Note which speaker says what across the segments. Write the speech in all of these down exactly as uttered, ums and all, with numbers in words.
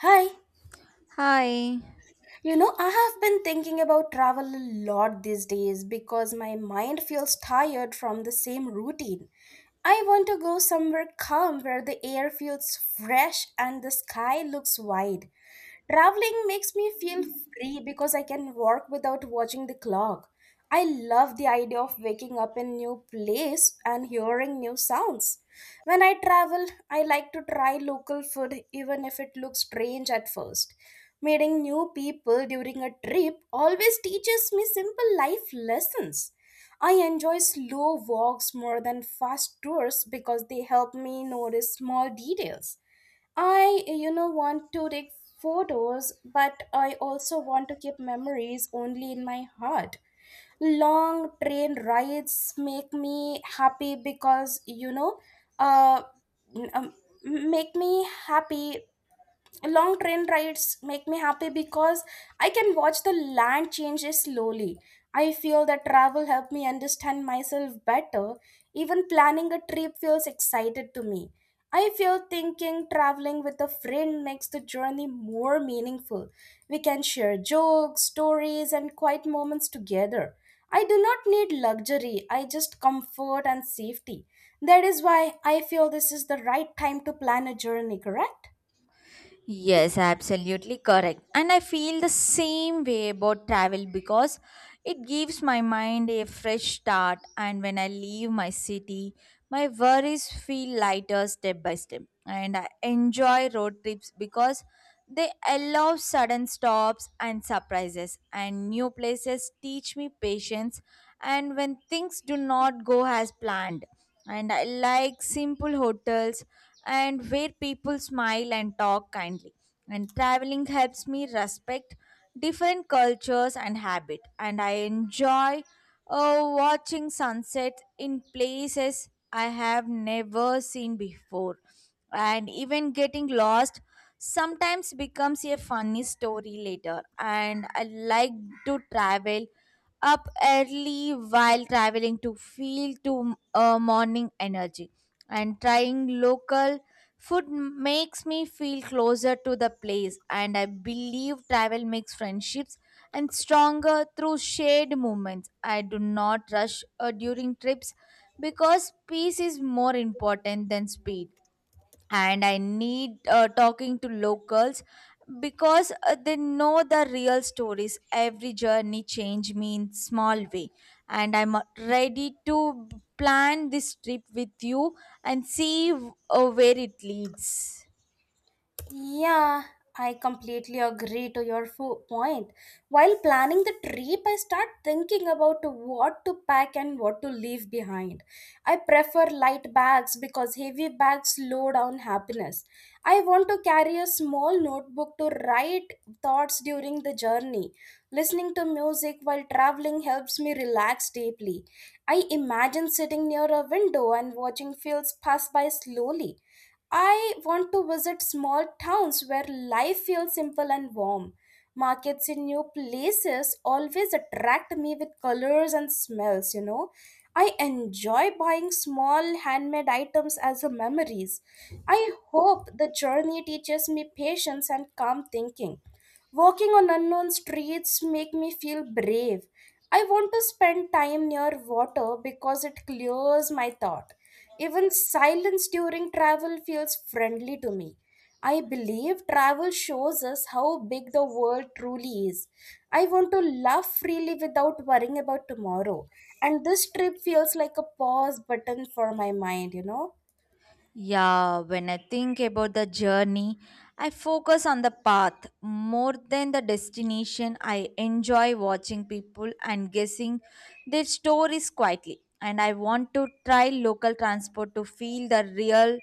Speaker 1: Hi.
Speaker 2: Hi.
Speaker 1: You know, I have been thinking about travel a lot these days because my mind feels tired from the same routine. I want to go somewhere calm where the air feels fresh and the sky looks wide. Traveling makes me feel free because I can walk without watching the clock. I love the idea of waking up in new place and hearing new sounds. When I travel, I like to try local food even if it looks strange at first. Meeting new people during a trip always teaches me simple life lessons. I enjoy slow walks more than fast tours because they help me notice small details. I, you know, want to take photos, but I also want to keep memories only in my heart. Long train rides make me happy because you know uh, m- um, make me happy Long train rides make me happy because I can watch the land changes slowly. I feel that travel helped me understand myself better. Even planning a trip feels excited to me. I feel thinking traveling with a friend makes the journey more meaningful. We can share jokes, stories, and quiet moments together. I do not need luxury, I just comfort and safety. That is why I feel this is the right time to plan a journey, correct?
Speaker 2: Yes, absolutely correct. And I feel the same way about travel because it gives my mind a fresh start. And when I leave my city, my worries feel lighter step by step. And I enjoy road trips because they allow sudden stops and surprises. And new places teach me patience. And when things do not go as planned. And I like simple hotels and where people smile and talk kindly. And traveling helps me respect different cultures and habit, and I enjoy uh, watching sunset in places I have never seen before. And even getting lost sometimes becomes a funny story later, and I like to travel up early while traveling to feel to uh, morning energy and trying local food makes me feel closer to the place, and I believe travel makes friendships and stronger through shared moments. I do not rush uh, during trips because peace is more important than speed, and I need uh, talking to locals because uh, they know the real stories. Every journey change me in small way, and I'm uh, ready to plan this trip with you and see uh, where it leads.
Speaker 1: Yeah, I completely agree to your fo- point. While planning the trip, I start thinking about what to pack and what to leave behind. I prefer light bags because heavy bags slow down happiness. I want to carry a small notebook to write thoughts during the journey. Listening to music while traveling helps me relax deeply. I imagine sitting near a window and watching fields pass by slowly. I want to visit small towns where life feels simple and warm. Markets in new places always attract me with colors and smells, you know. I enjoy buying small handmade items as a memories. I hope the journey teaches me patience and calm thinking. Walking on unknown streets make me feel brave. I want to spend time near water because it clears my thought. Even silence during travel feels friendly to me. I believe travel shows us how big the world truly is. I want to laugh freely without worrying about tomorrow. And this trip feels like a pause button for my mind, you know?
Speaker 2: Yeah, when I think about the journey, I focus on the path more than the destination. I enjoy watching people and guessing their stories quietly. And I want to try local transport to feel the real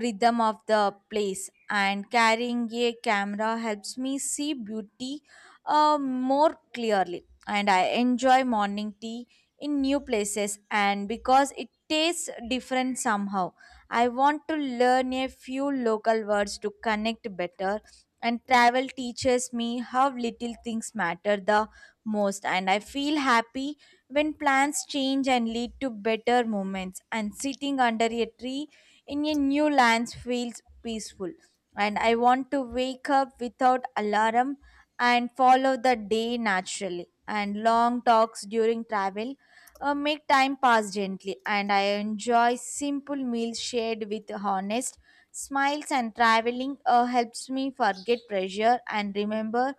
Speaker 2: rhythm of the place. And carrying a camera helps me see beauty uh, more clearly. And I enjoy morning tea in new places, and because it tastes different somehow. I want to learn a few local words to connect better. And travel teaches me how little things matter the most. And I feel happy when plans change and lead to better moments. And sitting under a tree in a new land feels peaceful. And I want to wake up without alarm and follow the day naturally. And long talks during travel uh, make time pass gently, and I enjoy simple meals shared with honest smiles. And traveling uh, helps me forget pressure and remember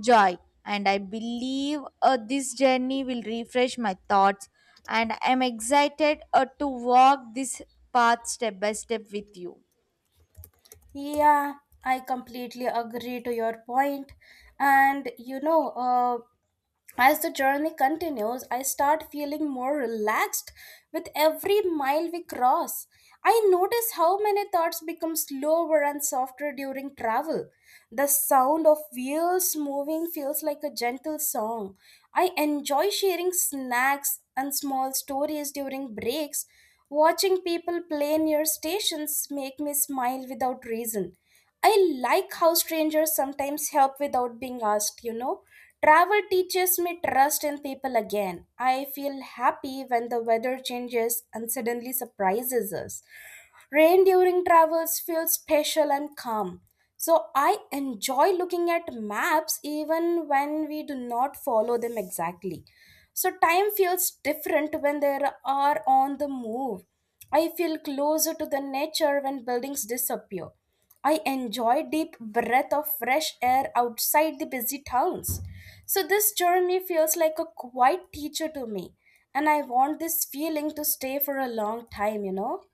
Speaker 2: joy. And I believe uh, this journey will refresh my thoughts, and I'm excited uh, to walk this path step by step with you.
Speaker 1: Yeah, I completely agree to your point. And you know, uh, as the journey continues, I start feeling more relaxed with every mile we cross. I notice how many thoughts become slower and softer during travel. The sound of wheels moving feels like a gentle song. I enjoy sharing snacks and small stories during breaks. Watching people play near stations make me smile without reason. I like how strangers sometimes help without being asked, you know. Travel teaches me trust in people again. I feel happy when the weather changes and suddenly surprises us. Rain during travels feels special and calm. So I enjoy looking at maps even when we do not follow them exactly. So time feels different when they are on the move. I feel closer to the nature when buildings disappear. I enjoy deep breath of fresh air outside the busy towns. So this journey feels like a quiet teacher to me, and I want this feeling to stay for a long time, you know.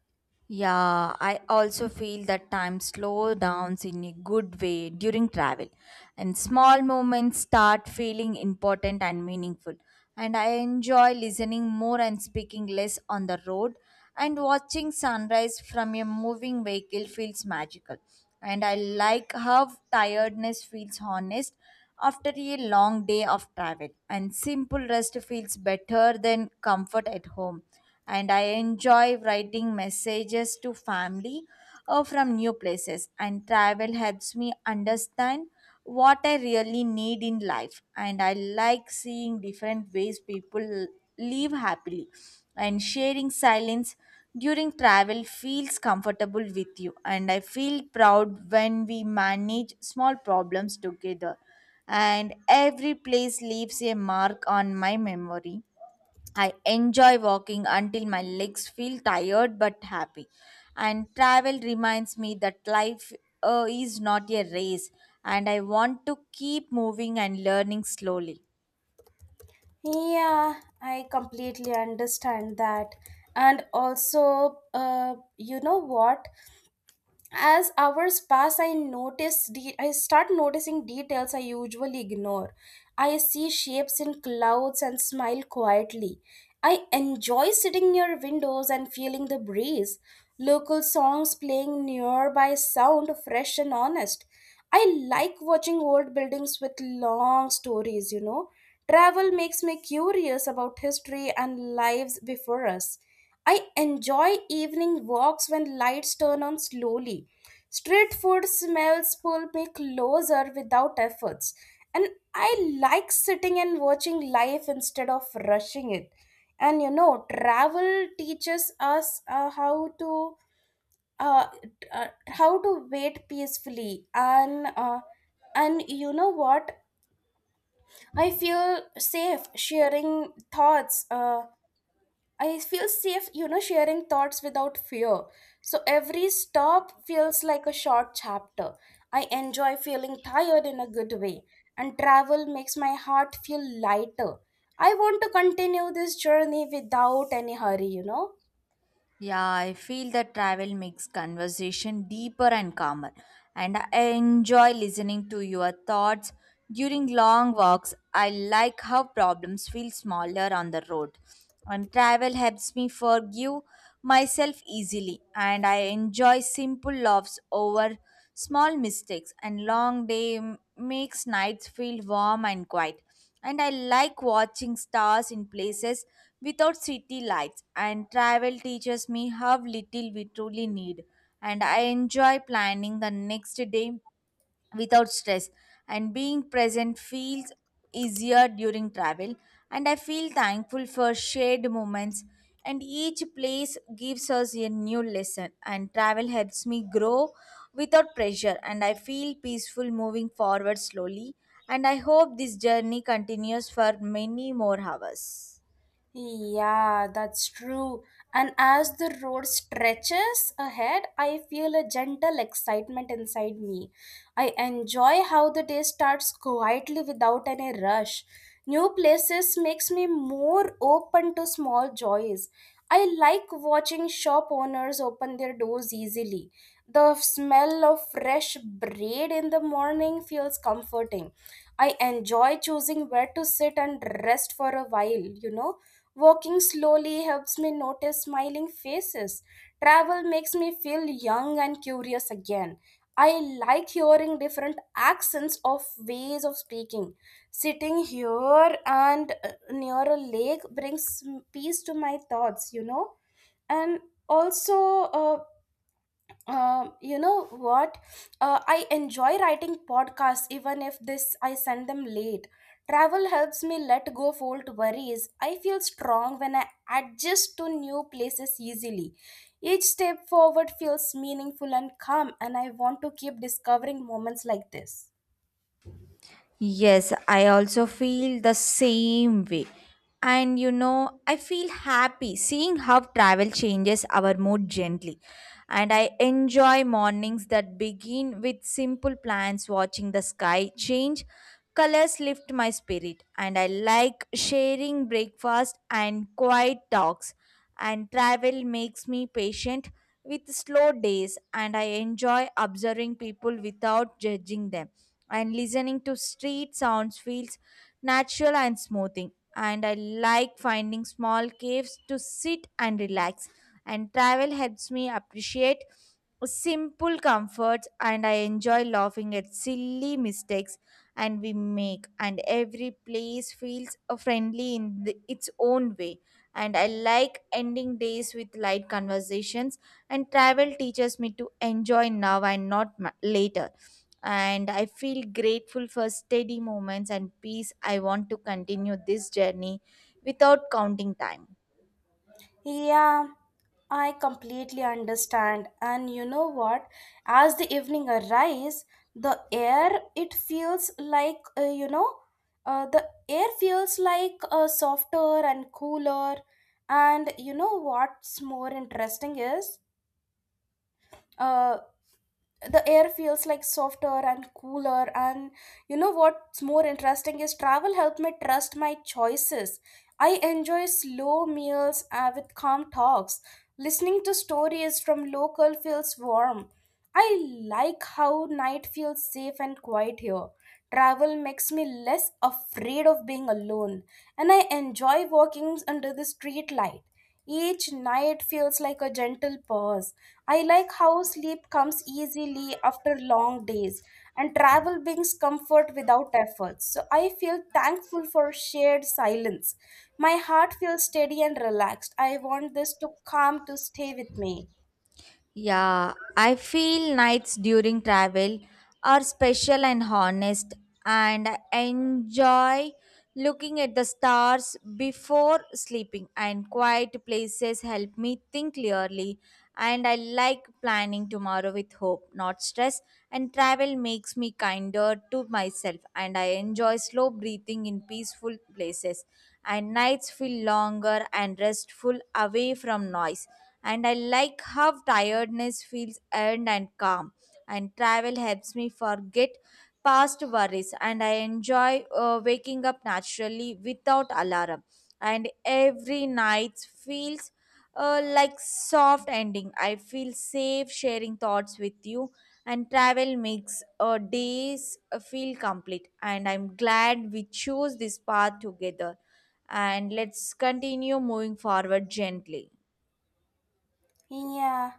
Speaker 2: Yeah, I also feel that time slow downs in a good way during travel, and small moments start feeling important and meaningful. And I enjoy listening more and speaking less on the road, and watching sunrise from a moving vehicle feels magical. And I like how tiredness feels honest after a long day of travel, and simple rest feels better than comfort at home, and I enjoy writing messages to family or from new places, and travel helps me understand what I really need in life, and I like seeing different ways people live happily, and sharing silence during travel feels comfortable with you, and I feel proud when we manage small problems together, and every place leaves a mark on my memory. I enjoy walking until my legs feel tired but happy. And travel reminds me that life uh, is not a race, and I want to keep moving and learning slowly.
Speaker 1: Yeah, I completely understand that. And also, uh, you know what? As hours pass, I notice de- I start noticing details I usually ignore. I see shapes in clouds and smile quietly. I enjoy sitting near windows and feeling the breeze. Local songs playing nearby sound fresh and honest. I like watching old buildings with long stories, you know. Travel makes me curious about history and lives before us. I enjoy evening walks when lights turn on slowly. Street food smells pull me closer without efforts. And I like sitting and watching life instead of rushing it. And you know, travel teaches us uh, how to uh, t- uh, how to wait peacefully and uh, and you know what? I feel safe sharing thoughts. Uh, I feel safe, you know, sharing thoughts without fear. So every stop feels like a short chapter. I enjoy feeling tired in a good way, and travel makes my heart feel lighter. I want to continue this journey without any hurry, you know.
Speaker 2: Yeah, I feel that travel makes conversation deeper and calmer, and I enjoy listening to your thoughts during long walks. I like how problems feel smaller on the road, and travel helps me forgive myself easily, and I enjoy simple laughs over small mistakes, and long day m- makes nights feel warm and quiet, and I like watching stars in places without city lights. And travel teaches me how little we truly need. And I enjoy planning the next day without stress. And being present feels easier during travel. And I feel thankful for shared moments, and each place gives us a new lesson, and travel helps me grow without pressure, and I feel peaceful moving forward slowly, and I hope this journey continues for many more hours.
Speaker 1: Yeah, that's true. And as the road stretches ahead, I feel a gentle excitement inside me. I enjoy how the day starts quietly without any rush. New places makes me more open to small joys. I like watching shop owners open their doors easily. The smell of fresh bread in the morning feels comforting. I enjoy choosing where to sit and rest for a while, you know. Walking slowly helps me notice smiling faces. Travel makes me feel young and curious again. I like hearing different accents of ways of speaking. Sitting here and uh, near a lake brings peace to my thoughts, you know. And also, uh, um, you know what? Uh, I enjoy writing podcasts even if this I send them late. Travel helps me let go of old worries. I feel strong when I adjust to new places easily. Each step forward feels meaningful and calm, and I want to keep discovering moments like this.
Speaker 2: Yes, I also feel the same way. And you know, I feel happy seeing how travel changes our mood gently. And I enjoy mornings that begin with simple plans, watching the sky change. Colors lift my spirit, and I like sharing breakfast and quiet talks, and travel makes me patient with slow days, and I enjoy observing people without judging them, and listening to street sounds feels natural and smoothing, and I like finding small caves to sit and relax, and travel helps me appreciate simple comforts, and I enjoy laughing at silly mistakes and we make, and every place feels uh, friendly in the, its own way, and I like ending days with light conversations, and travel teaches me to enjoy now and not ma- later, and I feel grateful for steady moments and peace. I want to continue this journey without counting time.
Speaker 1: Yeah, I completely understand. And you know what? As the evening arrives, the air it feels like uh, you know, uh, the air feels like uh, softer and cooler. And you know what's more interesting is uh, the air feels like softer and cooler and You know what's more interesting is travel helped me trust my choices. I enjoy slow meals uh, with calm talks. Listening to stories from local feels warm. I like how night feels safe and quiet here. Travel makes me less afraid of being alone, and I enjoy walking under the street light. Each night feels like a gentle pause. I like how sleep comes easily after long days, and travel brings comfort without effort. So I feel thankful for shared silence. My heart feels steady and relaxed. I want this to calm to stay with me.
Speaker 2: Yeah, I feel nights during travel are special and honest, and I enjoy looking at the stars before sleeping. And quiet places help me think clearly, and I like planning tomorrow with hope, not stress. And travel makes me kinder to myself, and I enjoy slow breathing in peaceful places. And nights feel longer and restful away from noise, and I like how tiredness feels earned and calm. And travel helps me forget past worries, and I enjoy uh, waking up naturally without alarm. And every night feels uh, like soft ending. I feel safe sharing thoughts with you, and travel makes uh, days uh, feel complete. And I'm glad we chose this path together. And let's continue moving forward gently.
Speaker 1: Yeah.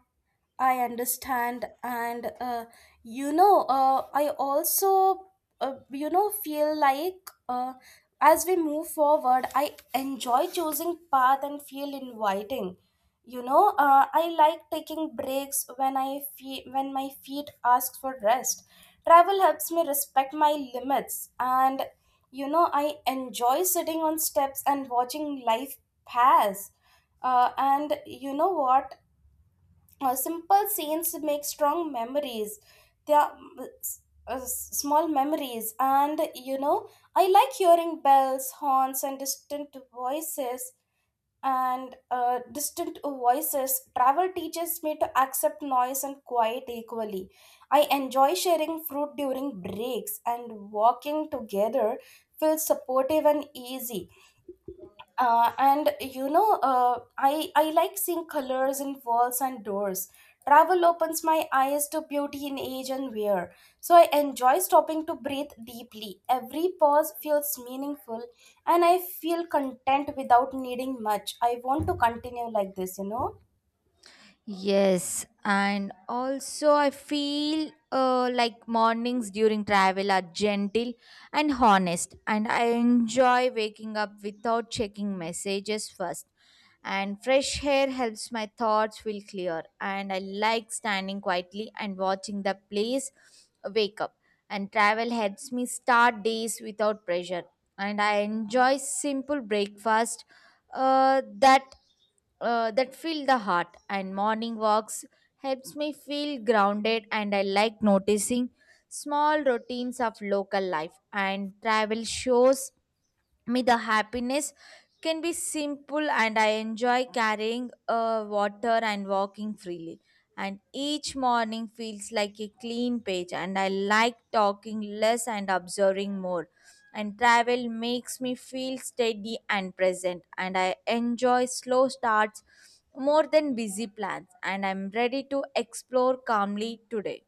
Speaker 1: I understand, and uh, you know, uh, I also, uh, you know, feel like uh, as we move forward, I enjoy choosing path and feel inviting. You know, uh, I like taking breaks when I feel when my feet ask for rest. Travel helps me respect my limits, and you know, I enjoy sitting on steps and watching life pass. Uh, and you know what? Uh, simple scenes make strong memories. They are mm, s- uh, Small memories, and you know, I like hearing bells, horns, and distant voices and uh, distant voices. Travel teaches me to accept noise and quiet equally. I enjoy sharing fruit during breaks, and walking together feels supportive and easy. Uh, and you know, uh, i i like seeing colors in walls and doors. Travel opens my eyes to beauty in age and wear. So I enjoy stopping to breathe deeply. Every pause feels meaningful, and I feel content without needing much. I want to continue like this, you know.
Speaker 2: Yes, and also I feel uh, like mornings during travel are gentle and honest, and I enjoy waking up without checking messages first. And fresh air helps my thoughts feel clear, and I like standing quietly and watching the place wake up. And travel helps me start days without pressure, and I enjoy simple breakfast uh, that uh, that fill the heart, and morning walks helps me feel grounded, and I like noticing small routines of local life, and travel shows me the happiness can be simple, and I enjoy carrying uh, water and walking freely, and each morning feels like a clean page, and I like talking less and observing more, and travel makes me feel steady and present, and I enjoy slow starts more than busy plans, and I'm ready to explore calmly today.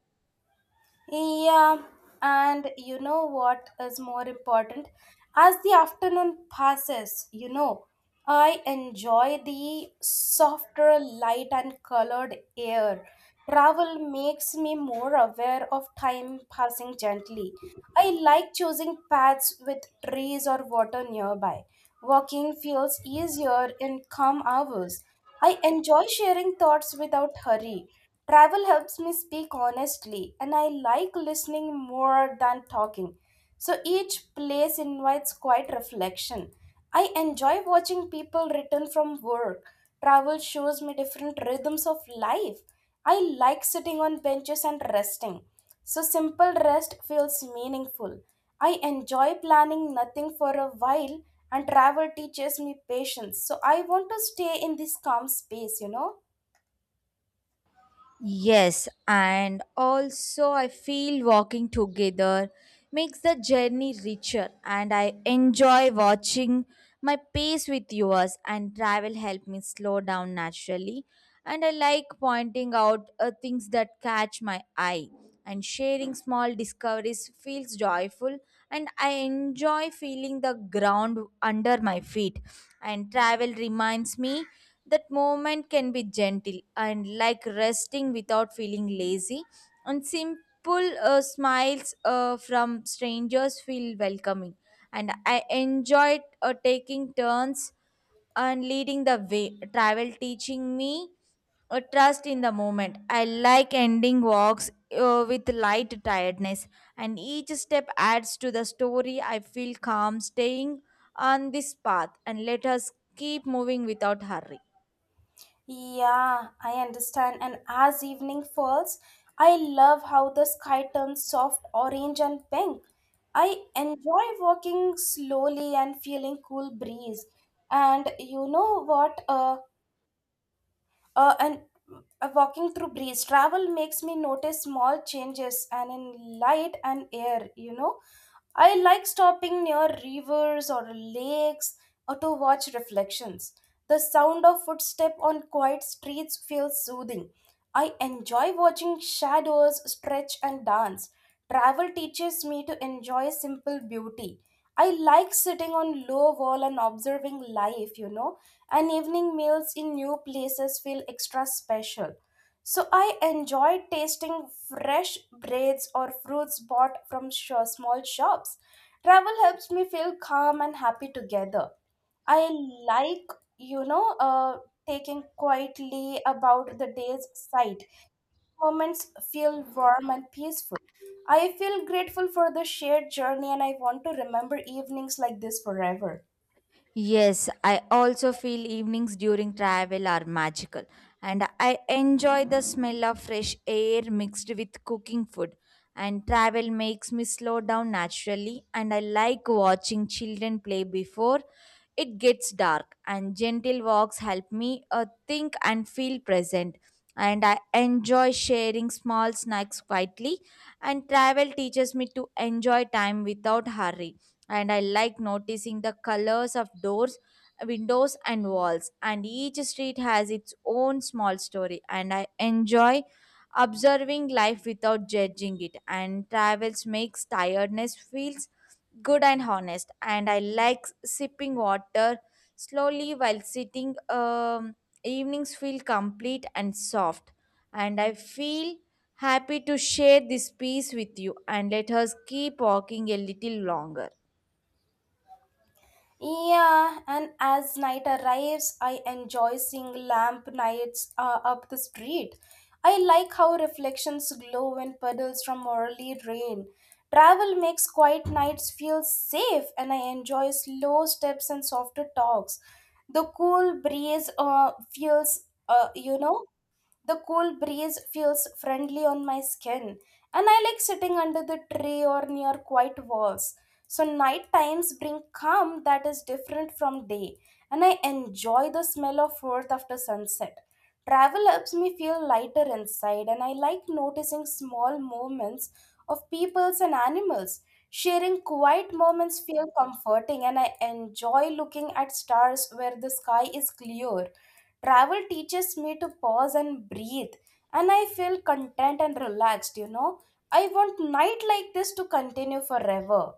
Speaker 1: Yeah, and you know what is more important? As the afternoon passes, you know, I enjoy the softer light and colored air. Travel makes me more aware of time passing gently. I like choosing paths with trees or water nearby. Walking feels easier in calm hours. I enjoy sharing thoughts without hurry. Travel helps me speak honestly, and I like listening more than talking. So each place invites quiet reflection. I enjoy watching people return from work. Travel shows me different rhythms of life. I like sitting on benches and resting. So simple rest feels meaningful. I enjoy planning nothing for a while, and travel teaches me patience. So I want to stay in this calm space, you know?
Speaker 2: Yes, and also I feel walking together makes the journey richer, and I enjoy watching my pace with yours, and travel help me slow down naturally, and I like pointing out uh, things that catch my eye, and sharing small discoveries feels joyful, and I enjoy feeling the ground under my feet, and travel reminds me that moment can be gentle and like resting without feeling lazy, and simple uh, smiles uh, from strangers feel welcoming. And I enjoyed uh, taking turns and leading the way. Travel teaching me a trust in the moment. I like ending walks uh, with light tiredness, and each step adds to the story. I feel calm staying on this path, and let us keep moving without hurry.
Speaker 1: Yeah, I understand. And as evening falls, I love how the sky turns soft orange and pink. I enjoy walking slowly and feeling cool breeze. And you know what? Uh, uh, and uh, Walking through breeze, travel makes me notice small changes and in light and air, you know. I like stopping near rivers or lakes or to watch reflections. The sound of footsteps on quiet streets feels soothing. I enjoy watching shadows stretch and dance. Travel teaches me to enjoy simple beauty. I like sitting on low wall and observing life, you know, and evening meals in new places feel extra special. So I enjoy tasting fresh breads or fruits bought from sh- small shops. Travel helps me feel calm and happy together. I like, you know, uh, taking quietly about the day's sight. Moments feel warm and peaceful. I feel grateful for the shared journey, and I want to remember evenings like this forever.
Speaker 2: Yes, I also feel evenings during travel are magical, and I enjoy the smell of fresh air mixed with cooking food. And travel makes me slow down naturally, and I like watching children play before it gets dark. And gentle walks help me uh, think and feel present. And I enjoy sharing small snacks quietly, and travel teaches me to enjoy time without hurry, and I like noticing the colors of doors, windows, and walls. And each street has its own small story, and I enjoy observing life without judging it. And travels makes tiredness feels good and honest. And I like sipping water slowly while sitting. Um, evenings feel complete and soft, and I feel happy to share this piece with you, and let us keep walking a little longer.
Speaker 1: Yeah, and as night arrives, I enjoy seeing lamp nights uh, up the street. I like how reflections glow when puddles from early rain. Travel makes quiet nights feel safe, and I enjoy slow steps and softer talks. The cool breeze uh, feels, uh, you know, the cool breeze feels friendly on my skin, and I like sitting under the tree or near quiet walls. So, night times bring calm that is different from day, and I enjoy the smell of earth after sunset. Travel helps me feel lighter inside, and I like noticing small movements of peoples and animals. Sharing quiet moments feel comforting, and I enjoy looking at stars where the sky is clear. Travel teaches me to pause and breathe, and I feel content and relaxed, you know. I want night like this to continue forever.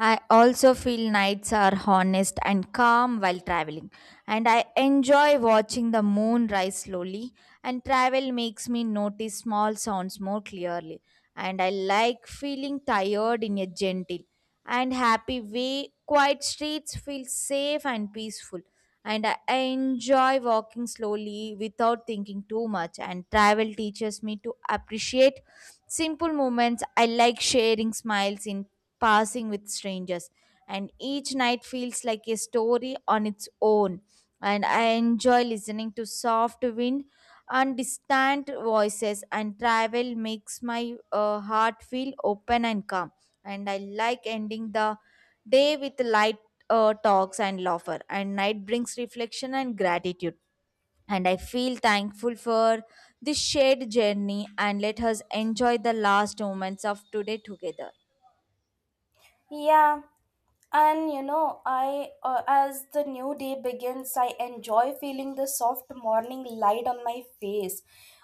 Speaker 2: I also feel nights are honest and calm while traveling, and I enjoy watching the moon rise slowly. And travel makes me notice small sounds more clearly, and I like feeling tired in a gentle and happy way. Quiet streets feel safe and peaceful, and I enjoy walking slowly without thinking too much. And travel teaches me to appreciate simple moments. I like sharing smiles in passing with strangers, and each night feels like a story on its own, and I enjoy listening to soft wind and distant voices, and travel makes my uh, heart feel open and calm, and I like ending the day with light uh, talks and laughter, and night brings reflection and gratitude, and I feel thankful for this shared journey, and let us enjoy the last moments of today together.
Speaker 1: Yeah, and you know, I uh, as the new day begins, I enjoy feeling the soft morning light on my face.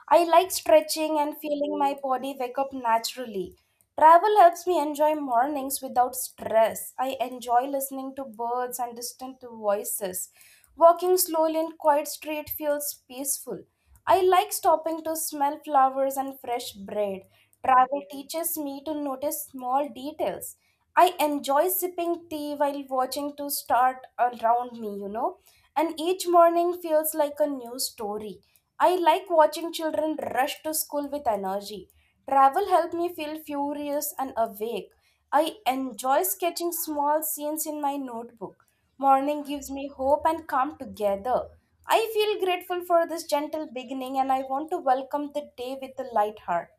Speaker 1: I like stretching and feeling my body wake up naturally. Travel helps me enjoy mornings without stress. I enjoy listening to birds and distant voices. Walking slowly in quiet street feels peaceful. I like stopping to smell flowers and fresh bread. Travel teaches me to notice small details. I enjoy sipping tea while watching to start around me, you know, and each morning feels like a new story. I like watching children rush to school with energy. Travel helped me feel furious and awake. I enjoy sketching small scenes in my notebook. Morning gives me hope and calm together. I feel grateful for this gentle beginning, and I want to welcome the day with a light heart.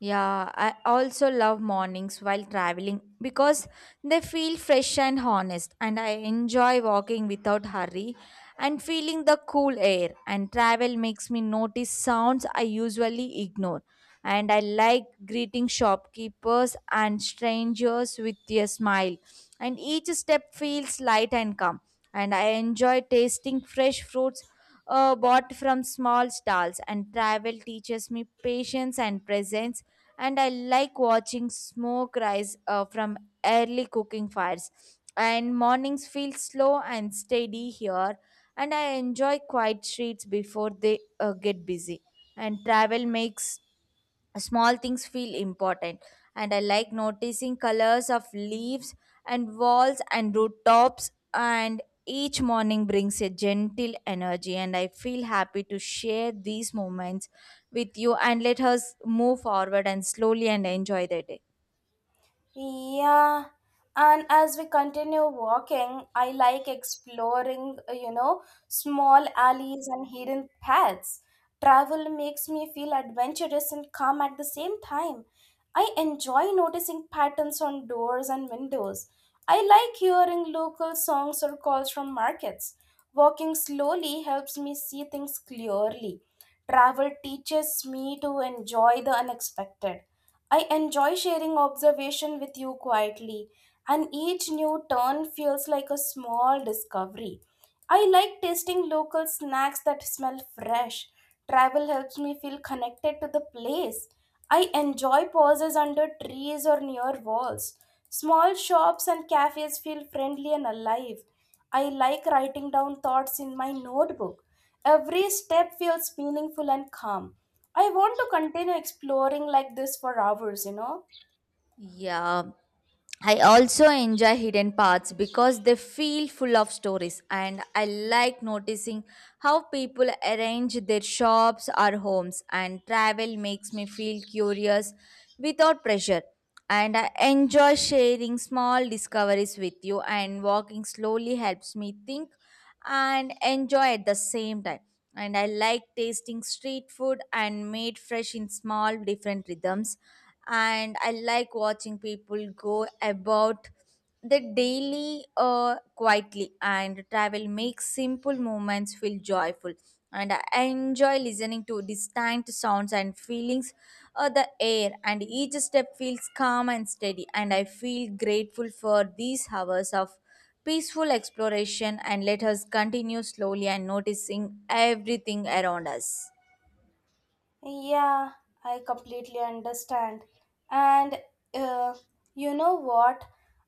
Speaker 2: Yeah, I also love mornings while traveling because they feel fresh and honest, and I enjoy walking without hurry and feeling the cool air. And travel makes me notice sounds I usually ignore. And I like greeting shopkeepers and strangers with a smile. And each step feels light and calm. And I enjoy tasting fresh fruits uh, bought from small stalls, and travel teaches me patience and presence. And I like watching smoke rise uh, from early cooking fires. And mornings feel slow and steady here, and I enjoy quiet streets before they uh, get busy. And travel makes small things feel important, and I like noticing colors of leaves and walls and rooftops, and each morning brings a gentle energy, and I feel happy to share these moments with you. And let us move forward and slowly and enjoy the day.
Speaker 1: Yeah, and as we continue walking, I like exploring, uh, you know, small alleys and hidden paths. Travel makes me feel adventurous and calm at the same time. I enjoy noticing patterns on doors and windows. I like hearing local songs or calls from markets. Walking slowly helps me see things clearly. Travel teaches me to enjoy the unexpected. I enjoy sharing observation with you quietly, and each new turn feels like a small discovery. I like tasting local snacks that smell fresh. Travel helps me feel connected to the place. I enjoy pauses under trees or near walls. Small shops and cafes feel friendly and alive. I like writing down thoughts in my notebook. Every step feels meaningful and calm. I want to continue exploring like this for hours, you know.
Speaker 2: Yeah, I also enjoy hidden paths because they feel full of stories, and I like noticing how people arrange their shops or homes. And travel makes me feel curious without pressure. And I enjoy sharing small discoveries with you, and walking slowly helps me think and enjoy at the same time. And I like tasting street food and made fresh in small different rhythms. And I like watching people go about the daily uh, quietly, and travel makes simple moments feel joyful, and I enjoy listening to distant sounds and feelings of the air, and each step feels calm and steady, and I feel grateful for these hours of peaceful exploration. And let us continue slowly and noticing everything around us.
Speaker 1: Yeah, I completely understand. And uh, you know what?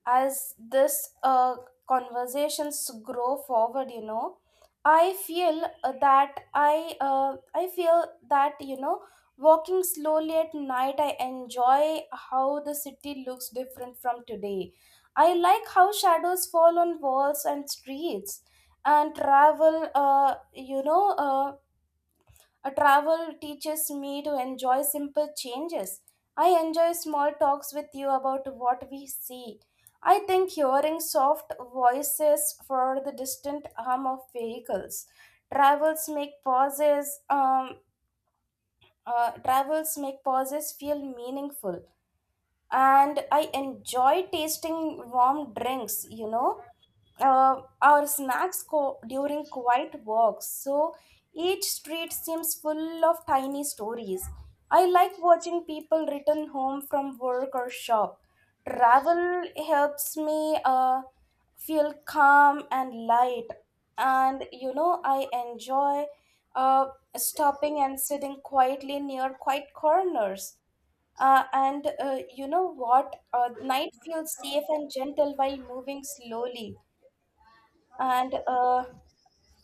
Speaker 1: As this uh, conversations grow forward, you know, I feel uh, that I uh, I feel that you know, walking slowly at night, I enjoy how the city looks different from today. I like how shadows fall on walls and streets, and travel. Uh, you know, uh, a travel teaches me to enjoy simple changes. I enjoy small talks with you about what we see. I think hearing soft voices for the distant hum of vehicles. Travels make pauses. Um, uh, travels make pauses feel meaningful, and I enjoy tasting warm drinks, you know, uh, our snacks co- during quiet walks. So each street seems full of tiny stories. I like watching people return home from work or shop. Travel helps me uh, feel calm and light. And you know, I enjoy uh, stopping and sitting quietly near quiet corners. Uh, and uh, you know what? Uh, night feels safe and gentle while moving slowly. And uh,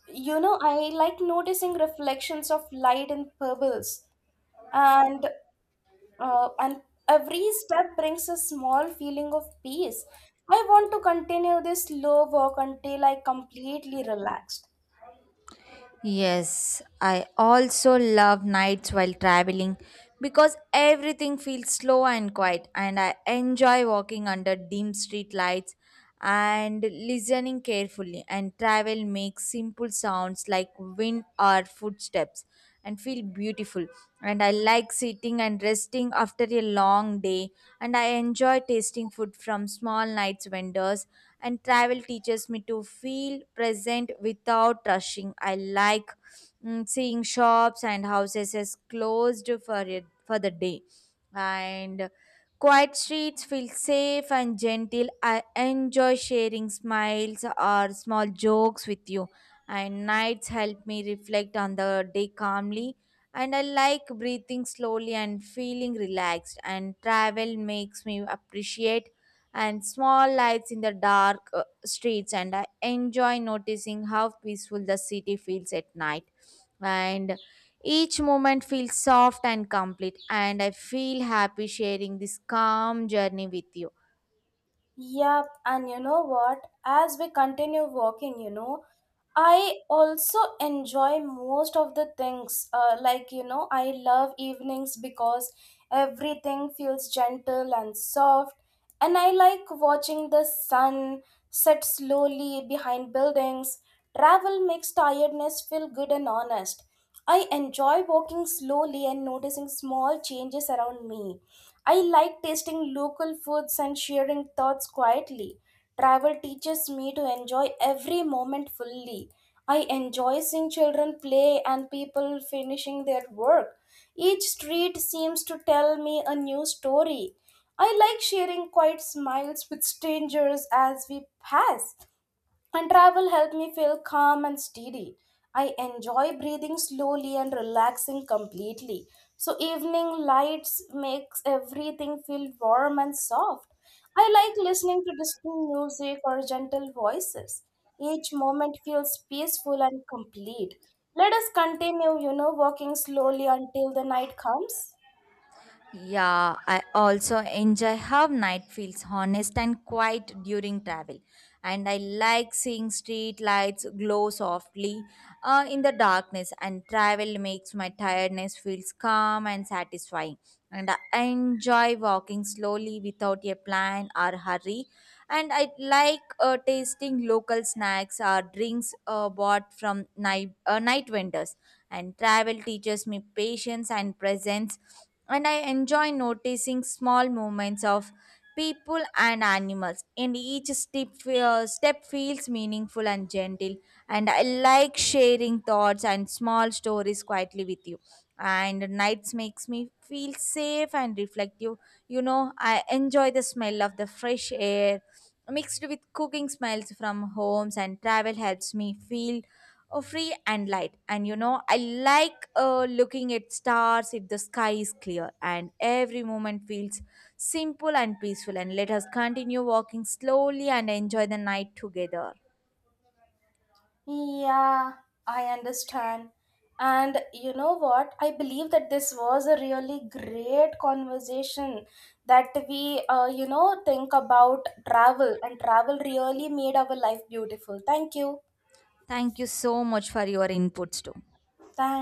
Speaker 1: you know, I like noticing reflections of light in pebbles. And uh, and every step brings a small feeling of peace. I want to continue this slow walk until I completely relaxed.
Speaker 2: Yes, I also love nights while traveling because everything feels slow and quiet, and I enjoy walking under dim street lights and listening carefully. And travel makes simple sounds like wind or footsteps and feel beautiful. And I like sitting and resting after a long day. And I enjoy tasting food from small nights vendors. And travel teaches me to feel present without rushing. I like mm, seeing shops and houses as closed for it, for the day. And quiet streets feel safe and gentle. I enjoy sharing smiles or small jokes with you, and nights help me reflect on the day calmly, and I like breathing slowly and feeling relaxed, and travel makes me appreciate and small lights in the dark uh, streets, and I enjoy noticing how peaceful the city feels at night, and each moment feels soft and complete, and I feel happy sharing this calm journey with you.
Speaker 1: Yep, and you know what? As we continue walking, you know, I also enjoy most of the things. Uh, like, you know, I love evenings because everything feels gentle and soft. And I like watching the sun set slowly behind buildings. Travel makes tiredness feel good and honest. I enjoy walking slowly and noticing small changes around me. I like tasting local foods and sharing thoughts quietly. Travel teaches me to enjoy every moment fully. I enjoy seeing children play and people finishing their work. Each street seems to tell me a new story. I like sharing quiet smiles with strangers as we pass. And travel helped me feel calm and steady. I enjoy breathing slowly and relaxing completely. So evening lights makes everything feel warm and soft. I like listening to distant music or gentle voices. Each moment feels peaceful and complete. Let us continue, you know, walking slowly until the night comes.
Speaker 2: Yeah, I also enjoy how night feels honest and quiet during travel. And I like seeing street lights glow softly uh, in the darkness, and travel makes my tiredness feels calm and satisfying. And I enjoy walking slowly without a plan or hurry. And I like uh, tasting local snacks or drinks uh, bought from night, uh, night vendors. And travel teaches me patience and presence, and I enjoy noticing small movements of people and animals. And each step, uh, step feels meaningful and gentle. And I like sharing thoughts and small stories quietly with you. And nights makes me feel safe and reflective. You know, I enjoy the smell of the fresh air mixed with cooking smells from homes, and travel helps me feel oh, free and light. And you know, I like uh, looking at stars if the sky is clear, and every moment feels simple and peaceful. And let us continue walking slowly and enjoy the night together.
Speaker 1: Yeah, I understand. And you know what? I believe that this was a really great conversation that we, uh, you know, think about travel, and travel really made our life beautiful. Thank you.
Speaker 2: Thank you so much for your inputs too.
Speaker 1: Thanks.